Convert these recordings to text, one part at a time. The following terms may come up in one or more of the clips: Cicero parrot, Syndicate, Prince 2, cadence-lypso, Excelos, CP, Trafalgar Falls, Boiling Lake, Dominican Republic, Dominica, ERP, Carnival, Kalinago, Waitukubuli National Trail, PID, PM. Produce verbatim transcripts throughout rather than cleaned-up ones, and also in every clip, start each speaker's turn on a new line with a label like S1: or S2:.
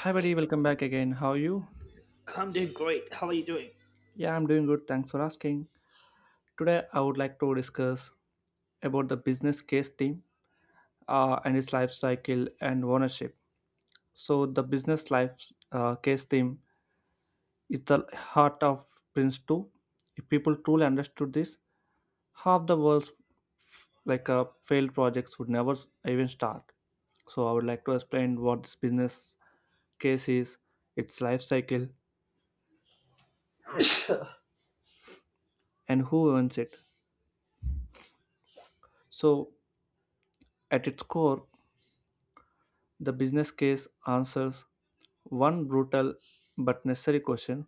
S1: Hi, buddy. Welcome back again. How are you?
S2: I'm doing great. How are you doing?
S1: Yeah, I'm doing good. Thanks for asking. Today, I would like to discuss about the business case theme uh, and its life cycle and ownership. So, the business life uh, case theme is the heart of Prince two. If people truly understood this, half the world's like uh, failed projects would never s- even start. So, I would like to explain what this business case is, its life cycle, and who owns it. So, at its core, the business case answers one brutal but necessary question: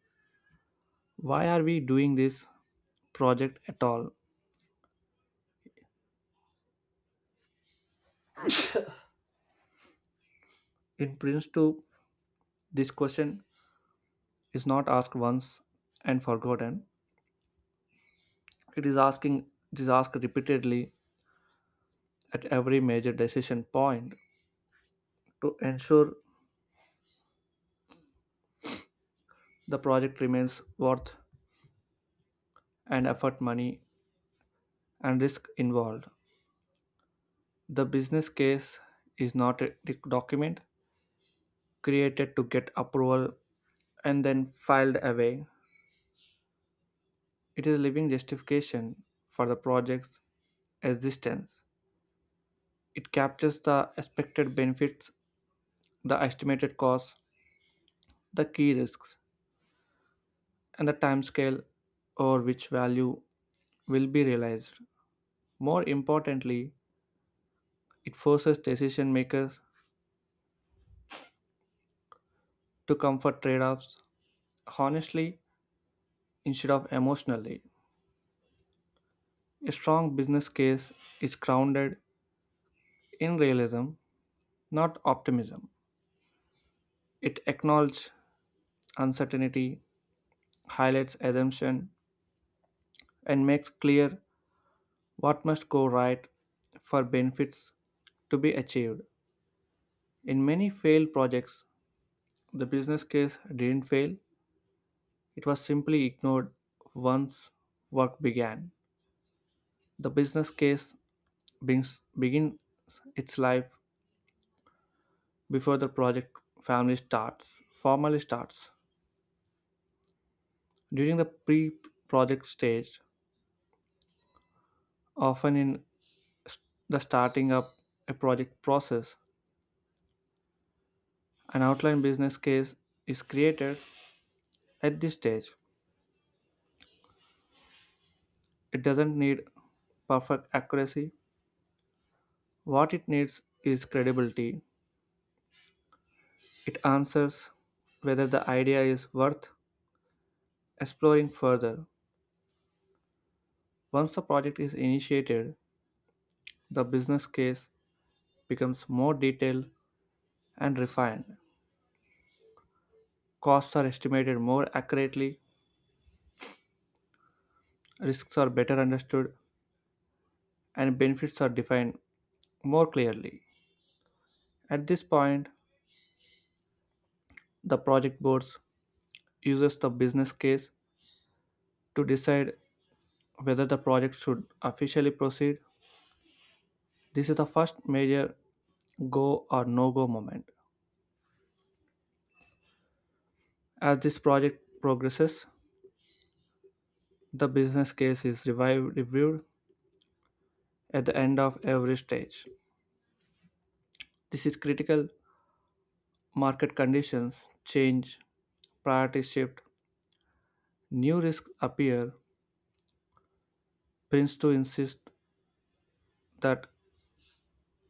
S1: why are we doing this project at all? In Prince two, this question is not asked once and forgotten. It is asking it is asked repeatedly at every major decision point to ensure the project remains worth and effort money and risk involved. The business case is not a doc- document created to get approval and then filed away. It is a living justification for the project's existence. It captures the expected benefits, the estimated costs, the key risks, and the timescale over which value will be realized. More importantly, it forces decision makers to comfort trade offs honestly instead of emotionally. A strong business case is grounded in realism, not optimism. It acknowledges uncertainty, highlights assumption, and makes clear what must go right for benefits to be achieved. In many failed projects, the business case didn't fail, it was simply ignored once work began. The business case begins, begins its life before the project family starts, formally starts. During the pre project stage, often in st- the starting up a project process, an outline business case is created. At this stage, it doesn't need perfect accuracy. What it needs is credibility. It answers whether the idea is worth exploring further. Once the project is initiated, the business case becomes more detailed and refined. Costs are estimated more accurately, risks are better understood, and benefits are defined more clearly. At this point, the project board uses the business case to decide whether the project should officially proceed. This is the first major go or no go moment. As this project progresses, the business case is revived, reviewed at the end of every stage. This is critical. Market conditions change, priorities shift, new risks appear. Prince to insist that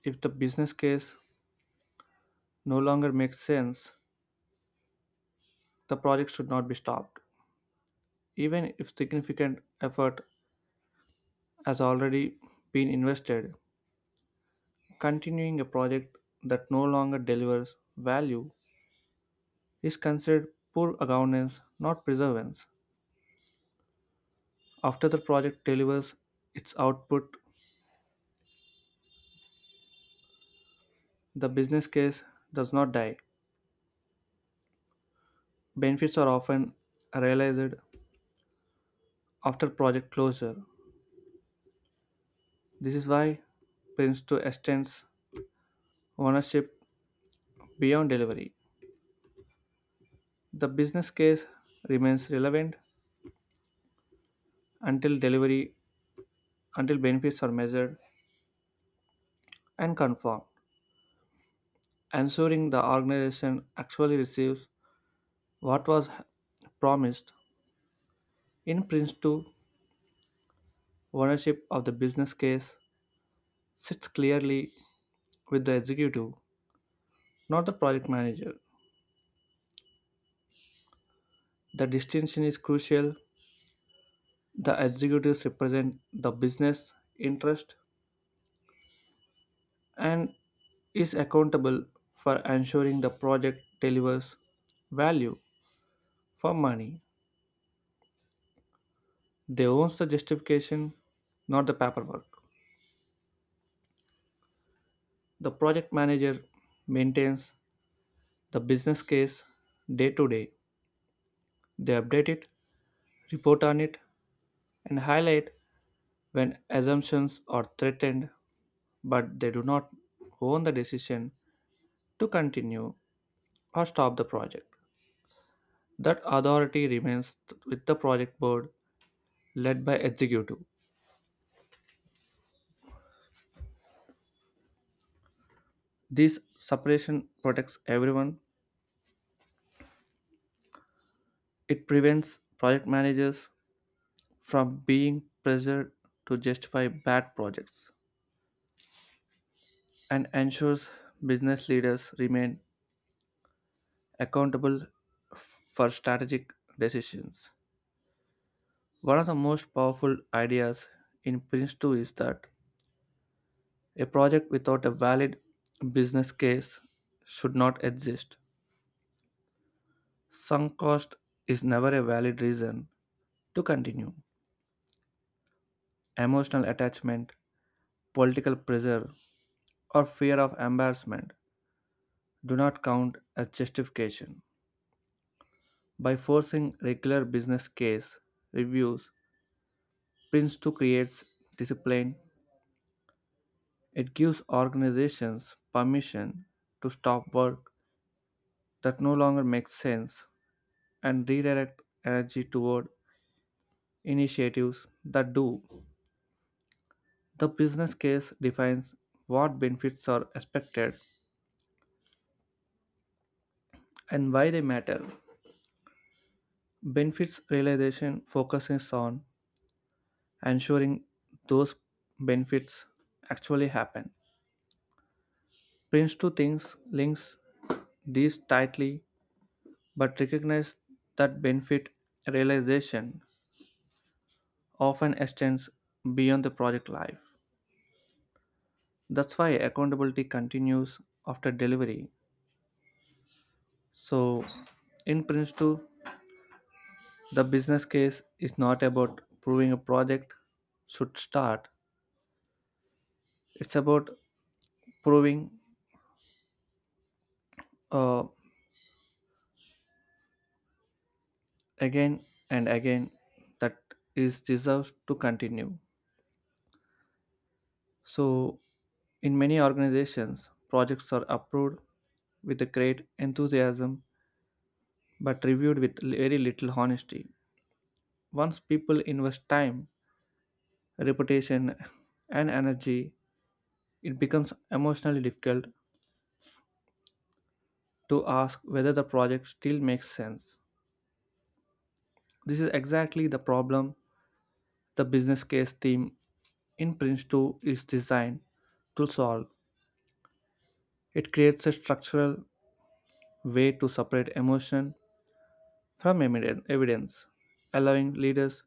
S1: if the business case no longer makes sense, the project should not be stopped. Even if significant effort has already been invested, continuing a project that no longer delivers value is considered poor governance, not preservance. After the project delivers its output, the business case does not die. Benefits are often realized after project closure. This is why Prince two extends ownership beyond delivery. The business case remains relevant until delivery, until benefits are measured and confirmed, ensuring the organization actually receives what was promised. In Prince to ownership of the business case sits clearly with the executive, not the project manager. The distinction is crucial. The executives represent the business interest and is accountable for ensuring the project delivers value for money. They own the justification, not the paperwork. The project manager maintains the business case day to day. They update it, report on it, and highlight when assumptions are threatened, but they do not own the decision to continue or stop the project. That authority remains th- with the project board led by executive. This separation protects everyone. It prevents project managers from being pressured to justify bad projects and ensures business leaders remain accountable f- for strategic decisions. One of the most powerful ideas in Prince two is that a project without a valid business case should not exist. Sunk cost is never a valid reason to continue. Emotional attachment, political pressure, or fear of embarrassment do not count as justification. By forcing regular business case reviews, Prince two creates discipline. It gives organizations permission to stop work that no longer make sense and redirect energy toward initiatives that do. The business case defines what benefits are expected and why they matter. Benefits realization focuses on ensuring those benefits actually happen. Prince two thinks links these tightly but recognize that benefit realization often extends beyond the project life. That's why accountability continues after delivery. So, in Prince two, the business case is not about proving a project should start, it's about proving uh, again and again that is deserved to continue. So, in many organizations, projects are approved with a great enthusiasm but reviewed with li- very little honesty. Once people invest time, reputation, and energy it becomes emotionally difficult to ask whether the project still makes sense. This is exactly the problem the business case theme in Prince two is designed to solve. It creates a structural way to separate emotion from emiden- evidence, allowing leaders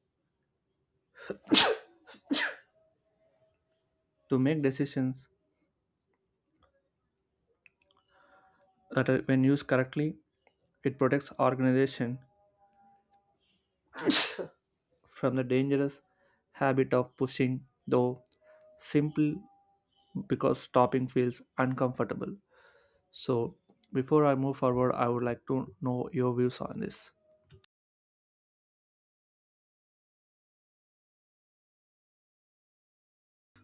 S1: to make decisions that, are- when used correctly, it protects organization from the dangerous habit of pushing, though simple because stopping feels uncomfortable. So before I move forward, I would like to know your views on this.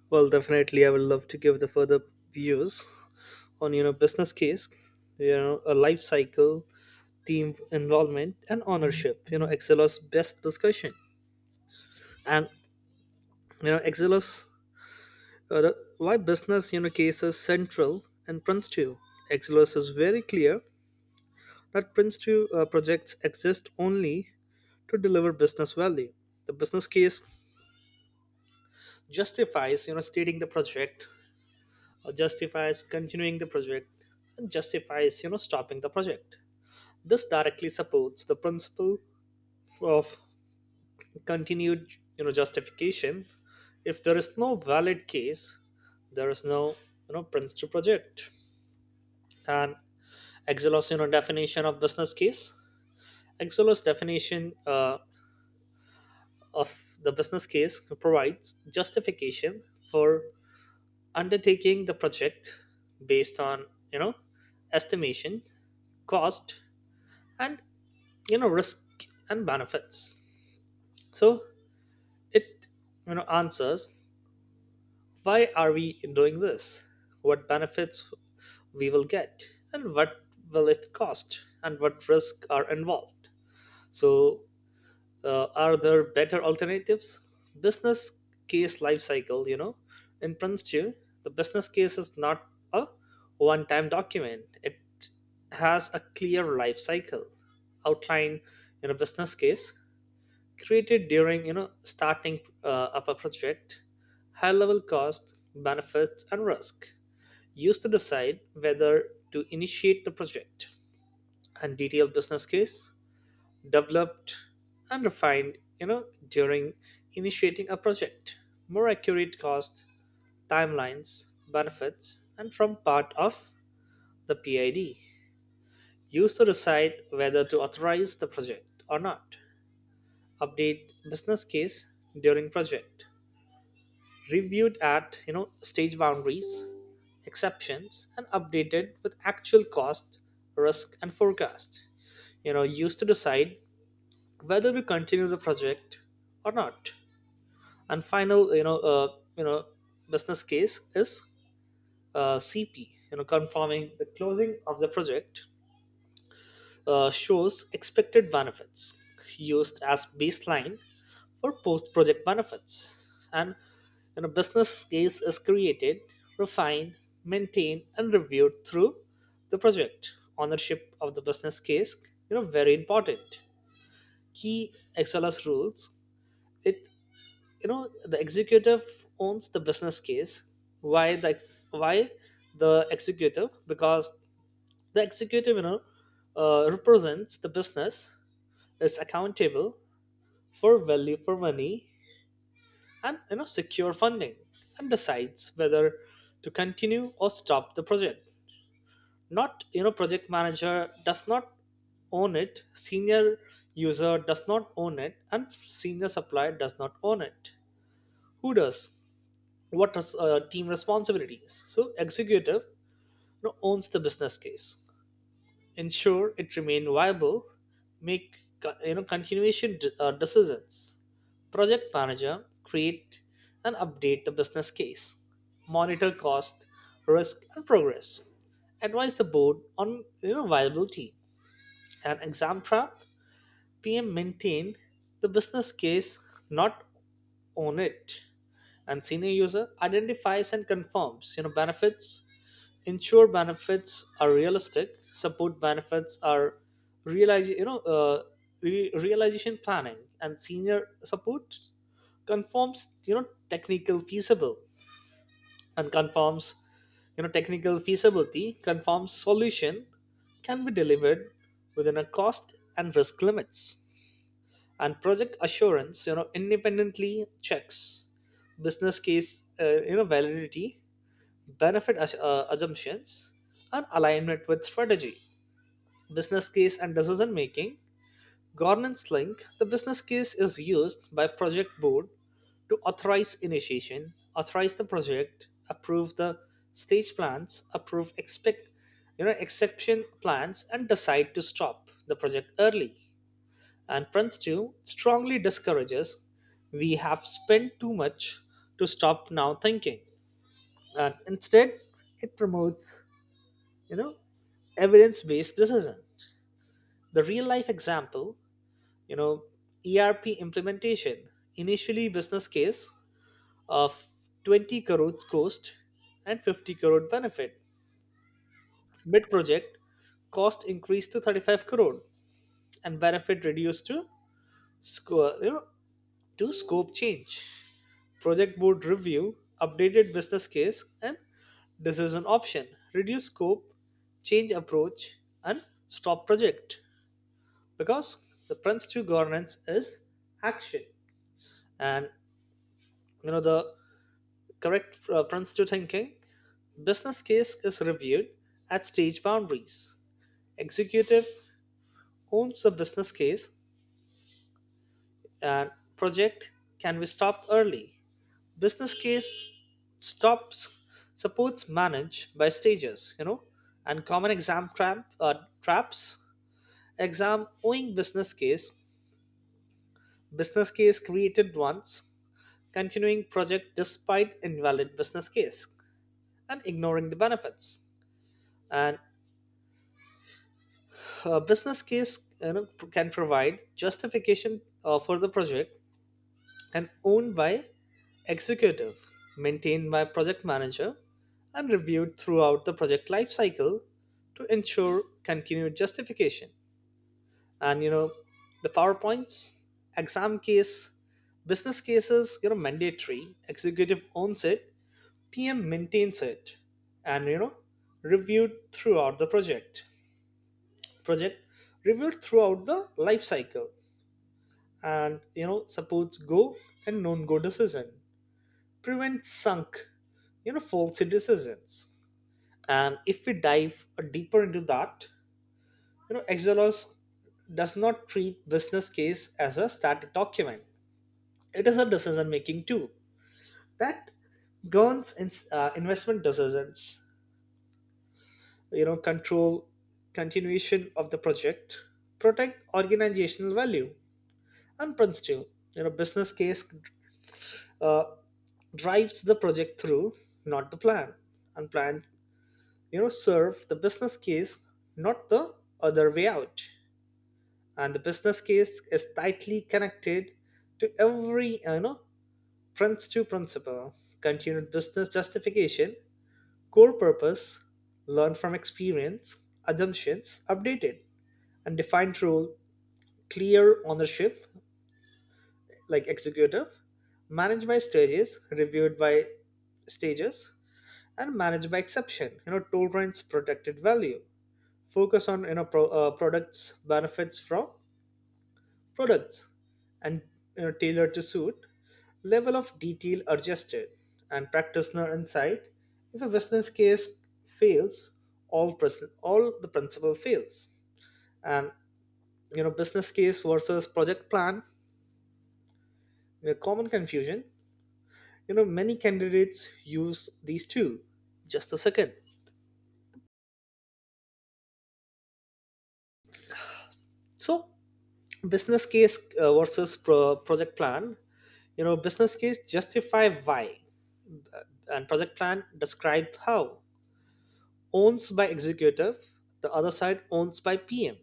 S2: Well, definitely, I would love to give the further views on you know business case, you know, a life cycle, team involvement, and ownership. You know, Excelos best discussion, and you know Excelos uh, the- why business you know cases central and Prince two. Excelos is very clear that Prince two uh, projects exist only to deliver business value. The business case justifies you know stating the project, uh, justifies continuing the project, and justifies you know stopping the project. This directly supports the principle of continued you know justification. If there is no valid case, there is no you know Prince to project. And Exelos you know definition of business case, Exelos definition uh, of the business case provides justification for undertaking the project based on you know estimation, cost, and you know risk and benefits. So it you know answers why are we doing this, what benefits we will get, and what will it cost, and what risks are involved. So uh, are there better alternatives? Business case life cycle, you know in principle, the business case is not a one time document. It has a clear life cycle outline. In a business case created during you know starting uh, up a project, high level cost, benefits, and risk used to decide whether to initiate the project. And detailed business case developed and refined you know during initiating a project, more accurate cost, timelines, benefits, and from part of the PID used to decide whether to authorize the project or not. Update business case during project reviewed at you know stage boundaries, exceptions, and updated with actual cost, risk, and forecast. You know, used to decide whether to continue the project or not. And final, you know, uh, you know, business case is uh, C P. You know, confirming the closing of the project, uh, shows expected benefits used as baseline or post project benefits. And when a business case is created, refined, maintained, and reviewed through the project. Ownership of the business case, you know, very important. Key X L S rules. It, you know the executive owns the business case. Why the why the executive? Because the executive, you know, uh, represents the business, is accountable for value for money, and you know secure funding, and decides whether to continue or stop the project. Not you know project manager, does not own it. Senior user does not own it, and senior supplier does not own it. Who does? What is uh, team responsibilities? So executive, you know, owns the business case, ensure it remain viable, make co- you know continuation d- uh, decisions. Project manager create and update the business case, monitor cost, risk, and progress. Advise the board on you know viability. An exam trap. P M maintain the business case, not own it. And senior user identifies and confirms you know benefits. Ensure benefits are realistic. Support benefits are realize you know uh, re- realization planning. And senior support conforms you know technical feasible, and conforms you know technical feasibility, conforms solution can be delivered within a cost and risk limits. And project assurance you know independently checks business case uh, you know validity, benefit as- uh, assumptions, and alignment with strategy. Business case and decision making. Governance link, the business case is used by project board to authorize initiation, authorize the project, approve the stage plans, approve expect you know exception plans, and decide to stop the project early. And Prince two strongly discourages we have spent too much to stop now thinking. And instead it promotes you know evidence based decision. The real life example, you know ERP implementation. Initially business case of twenty crores cost and fifty crore benefit. Mid project cost increased to thirty-five crore and benefit reduced to score you know to scope change. Project board review updated business case and decision option, reduce scope, change approach, and stop project. Because the Prince two governance is action. And you know the correct uh, Prince two thinking, business case is reviewed at stage boundaries, executive owns the business case, and project can be stopped early. Business case stops supports managed by stages, you know and common exam trap, uh, traps, exam owing business case, business case created once, continuing project despite invalid business case, and ignoring the benefits. And a business case, you know, can provide justification uh, for the project, and owned by executive, maintained by project manager, and reviewed throughout the project lifecycle to ensure continued justification. And you know, the PowerPoints, exam case, business cases, you know, mandatory, executive owns it, P M maintains it, and you know reviewed throughout the project, project reviewed throughout the life cycle, and you know supports go and non go decision, prevents sunk you know faulty decisions. And if we dive deeper into that, you know Exelos does not treat business case as a static document. It is a decision making tool that governs in, uh, investment decisions, you know control continuation of the project, protect organizational value. And principle, you know business case uh, drives the project through, not the plan. And plan you know serve the business case, not the other way out. And the business case is tightly connected to every you know Prince to principle, continued business justification, core purpose, learn from experience, assumptions updated, and defined role, clear ownership, like executive, managed by stages, reviewed by stages, and managed by exception. You know, tolerance, protected value, focus on you know pro, uh, products, benefits from products, and you know, tailored to suit, level of detail adjusted, and practitioner insight. If a business case fails, all pres- all the principle fails. And you know business case versus project plan. A common confusion, you know, many candidates use these two. Just a second. So, business case uh, versus pro- project plan. You know, business case justify why, uh, and project plan describe how. Owns by executive, the other side owns by P M.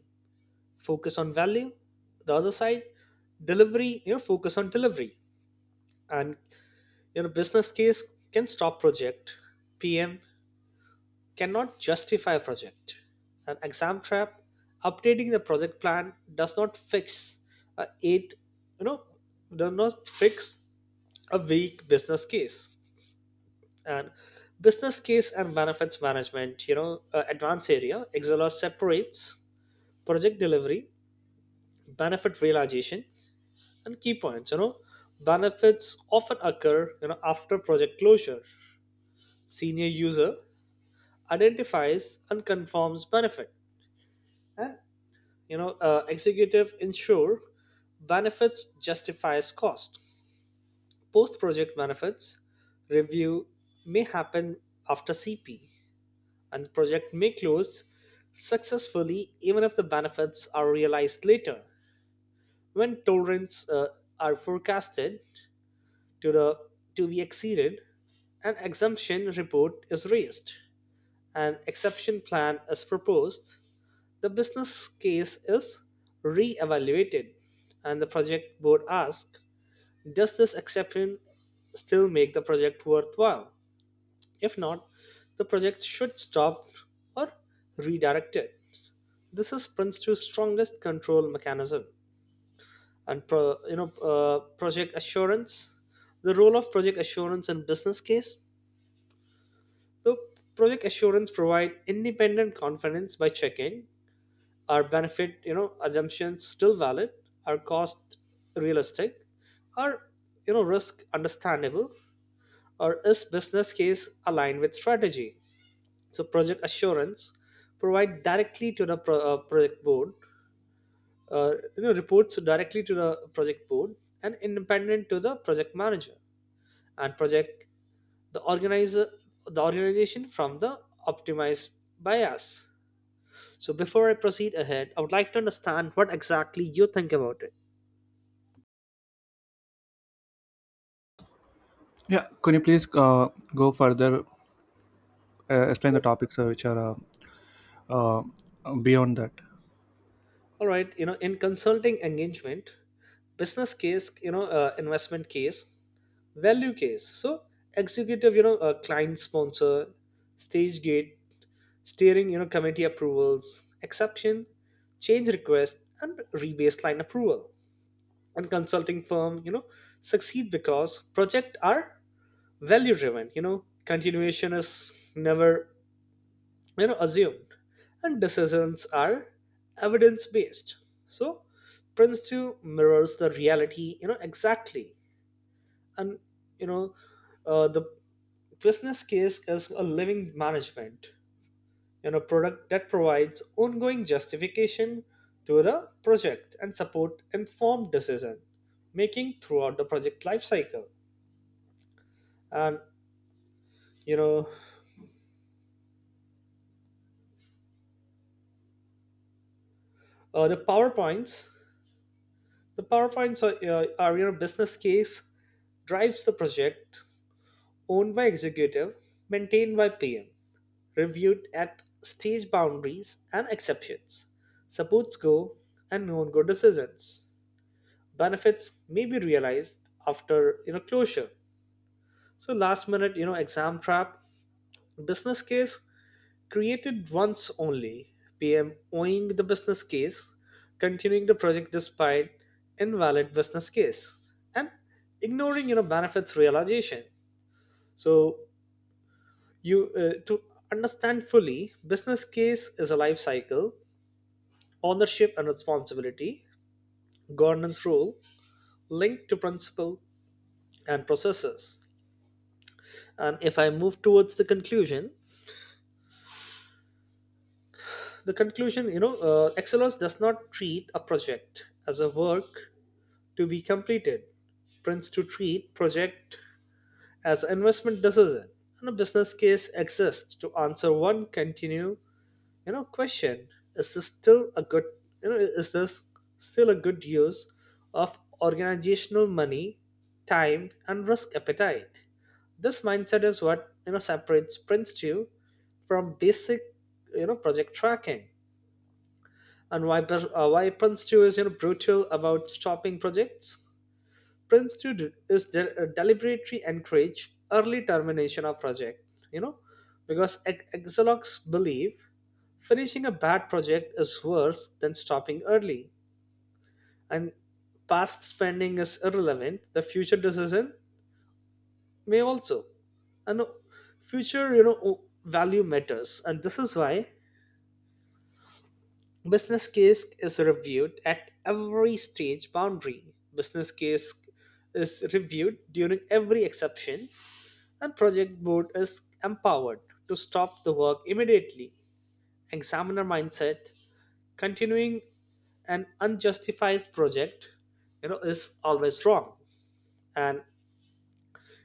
S2: Focus on value, the other side delivery. You know, focus on delivery. And you know, business case can stop project. P M cannot justify a project. An exam trap, updating the project plan does not fix a eight, you know, does not fix a weak business case. And business case and benefits management, you know, uh, advanced area. Excel separates project delivery, benefit realization, and key points. You know, benefits often occur, you know, after project closure. Senior user identifies and confirms benefit. And you know uh, executive ensure benefits justifies cost. Post project benefits review may happen after CP, and the project may close successfully even if the benefits are realized later. When tolerance uh, are forecasted to the to be exceeded, an exemption report is raised, an exception plan is proposed. The business case is re-evaluated, and the project board asks, does this exception still make the project worthwhile? If not, the project should stop or redirected. This is Prince two's strongest control mechanism. And pro, you know, uh, project assurance. The role of project assurance in business case. The Project assurance provide independent confidence by checking, are benefit you know assumptions still valid, are cost realistic, are you know risk understandable, or is business case aligned with strategy? So project assurance provide directly to the pro- uh, project board uh, you know reports directly to the project board, and independent to the project manager. And project the organizer the organization from the optimized bias. So before I proceed ahead, I would like to understand what exactly you think about it.
S1: Yeah, can you please uh, go further, uh, explain the topics uh, which are uh, beyond that?
S2: All right, you know, in consulting engagement, business case, you know, uh, investment case, value case. So executive, you know, uh, client sponsor, stage gate, steering, you know, committee approvals, exception, change request, and rebaseline approval. And consulting firm, you know, succeed because project are value driven. You know, continuation is never you know assumed and decisions are evidence based. So Prince two mirrors the reality, you know exactly. And you know uh, the business case is a living management you know product that provides ongoing justification to the project and support informed decision making throughout the project life cycle. And you know uh, the powerpoints The PowerPoint's uh, Ariana business case drives the project, owned by executive, maintained by P M, reviewed at stage boundaries and exceptions, supports go and non-go decisions. Benefits may be realized after you know closure. So last minute you know exam trap, business case created once only, P M owing the business case, continuing the project despite invalid business case, and ignoring you know benefits realization. So you uh, to understand fully, business case is a life cycle, ownership and responsibility, governance rule linked to principle and processes. And if I move towards the conclusion, the conclusion, you know, uh, Excelos does not treat a project as a work to be completed. Prince to treat project as investment decision, and a business case exists to answer one continue you know question, is this still a good, you know is this still a good use of organizational money, time, and risk appetite. This mindset is what you know separates Prince two from basic you know project tracking. And why uh, why Prince two is you know brutal about stopping projects. Prince two de- is de- uh, deliberately encourage early termination of project, you know, because ex- Exalox believe finishing a bad project is worse than stopping early. And past spending is irrelevant. The future decision may also, and the future you know o- value matters. And this is why business case is reviewed at every stage boundary. Business case is reviewed during every exception, and project board is empowered to stop the work immediately. Examiner mindset, continuing an unjustified project, you know, is always wrong. And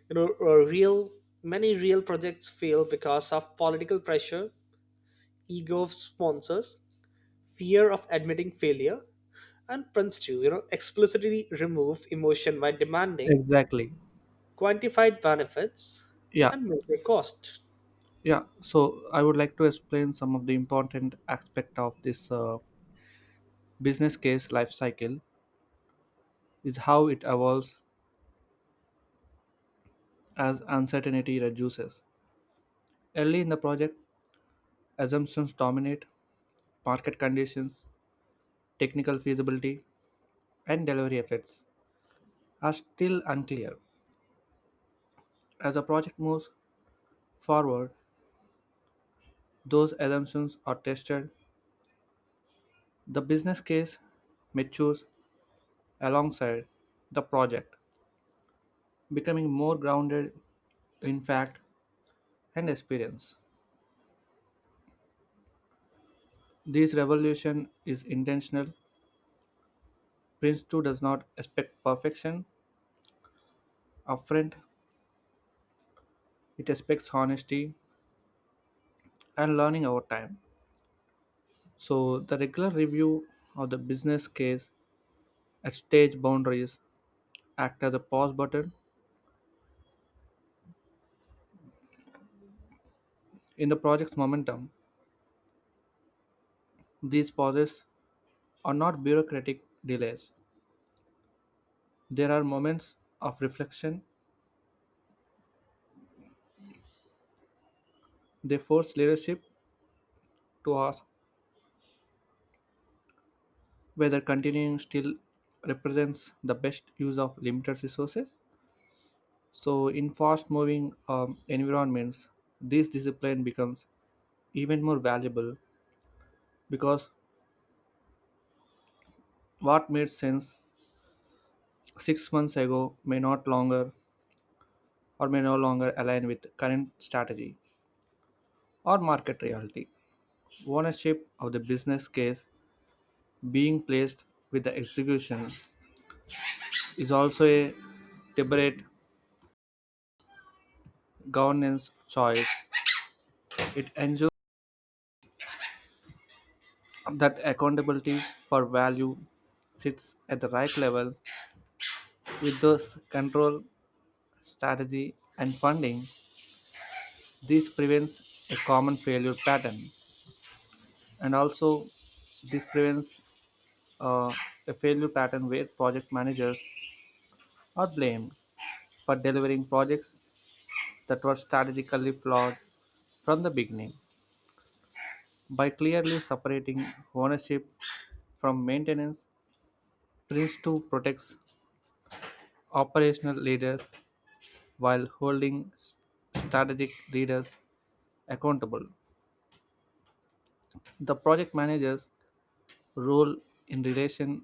S2: you know, a real many real projects fail because of political pressure, ego of sponsors, fear of admitting failure. And Prince to you know explicitly remove emotion by demanding
S1: Exactly.
S2: quantified benefits
S1: Yeah.
S2: and measure cost.
S1: Yeah. So I would like to explain some of the important aspect of this uh, business case life cycle is how it evolves as uncertainty reduces. Early in the project, assumptions dominate, market conditions, technical feasibility, and delivery effects are still unclear. As the project moves forward, those assumptions are tested. The business case matures alongside the project, becoming more grounded in fact and experience. This revolution is intentional. Prince two does not expect perfection upfront, it expects honesty and learning over time. So, the regular review of the business case at stage boundaries act as a pause button in the project's momentum. These pauses are not bureaucratic delays. There are moments of reflection. They force leadership to ask whether continuing still represents the best use of limited resources. So, in fast moving um, environments, this discipline becomes even more valuable because what made sense six months ago may not longer or may no longer align with current strategy or market reality. Ownership of the business case being placed with the execution is also a deliberate governance choice. It ensures that accountability for value sits at the right level with those control, strategy, and funding. This prevents a common failure pattern, and also this prevents uh, a failure pattern where project managers are blamed for delivering projects that were strategically flawed from the beginning. By clearly separating ownership from maintenance, Prince two protects operational leaders while holding strategic leaders accountable. The project manager's role in relation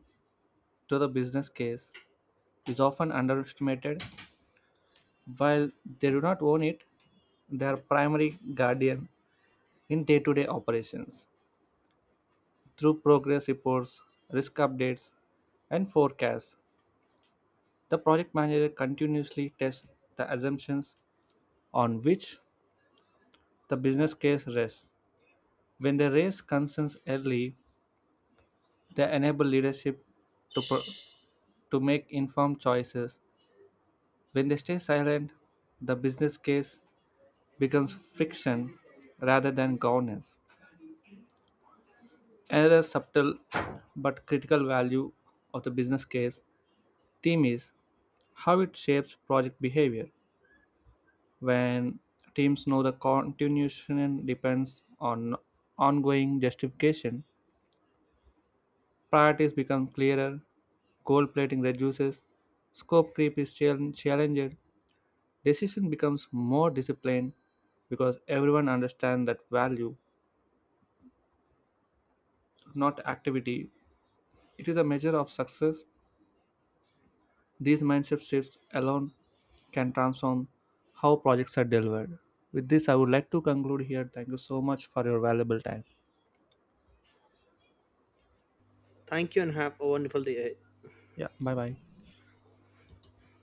S1: to the business case is often underestimated. While they do not own it, they are primary guardian in day-to-day operations through progress reports, risk updates, and forecasts. The project manager continuously tests the assumptions on which the business case rests. When they raise concerns early, they enable leadership to, pro- to make informed choices. When they stay silent, the business case becomes friction rather than governance. Another subtle but critical value of the business case theme is how it shapes project behavior. When teams know the continuation depends on ongoing justification, priorities become clearer, goal plating reduces, scope creep is chal- challenged, decision becomes more disciplined because everyone understands that value, not activity. It is a measure of success. These mindset shifts alone can transform how projects are delivered. With this, I would like to conclude here. Thank you so much for your valuable time.
S2: Thank you and have a wonderful day.
S1: Yeah, bye bye.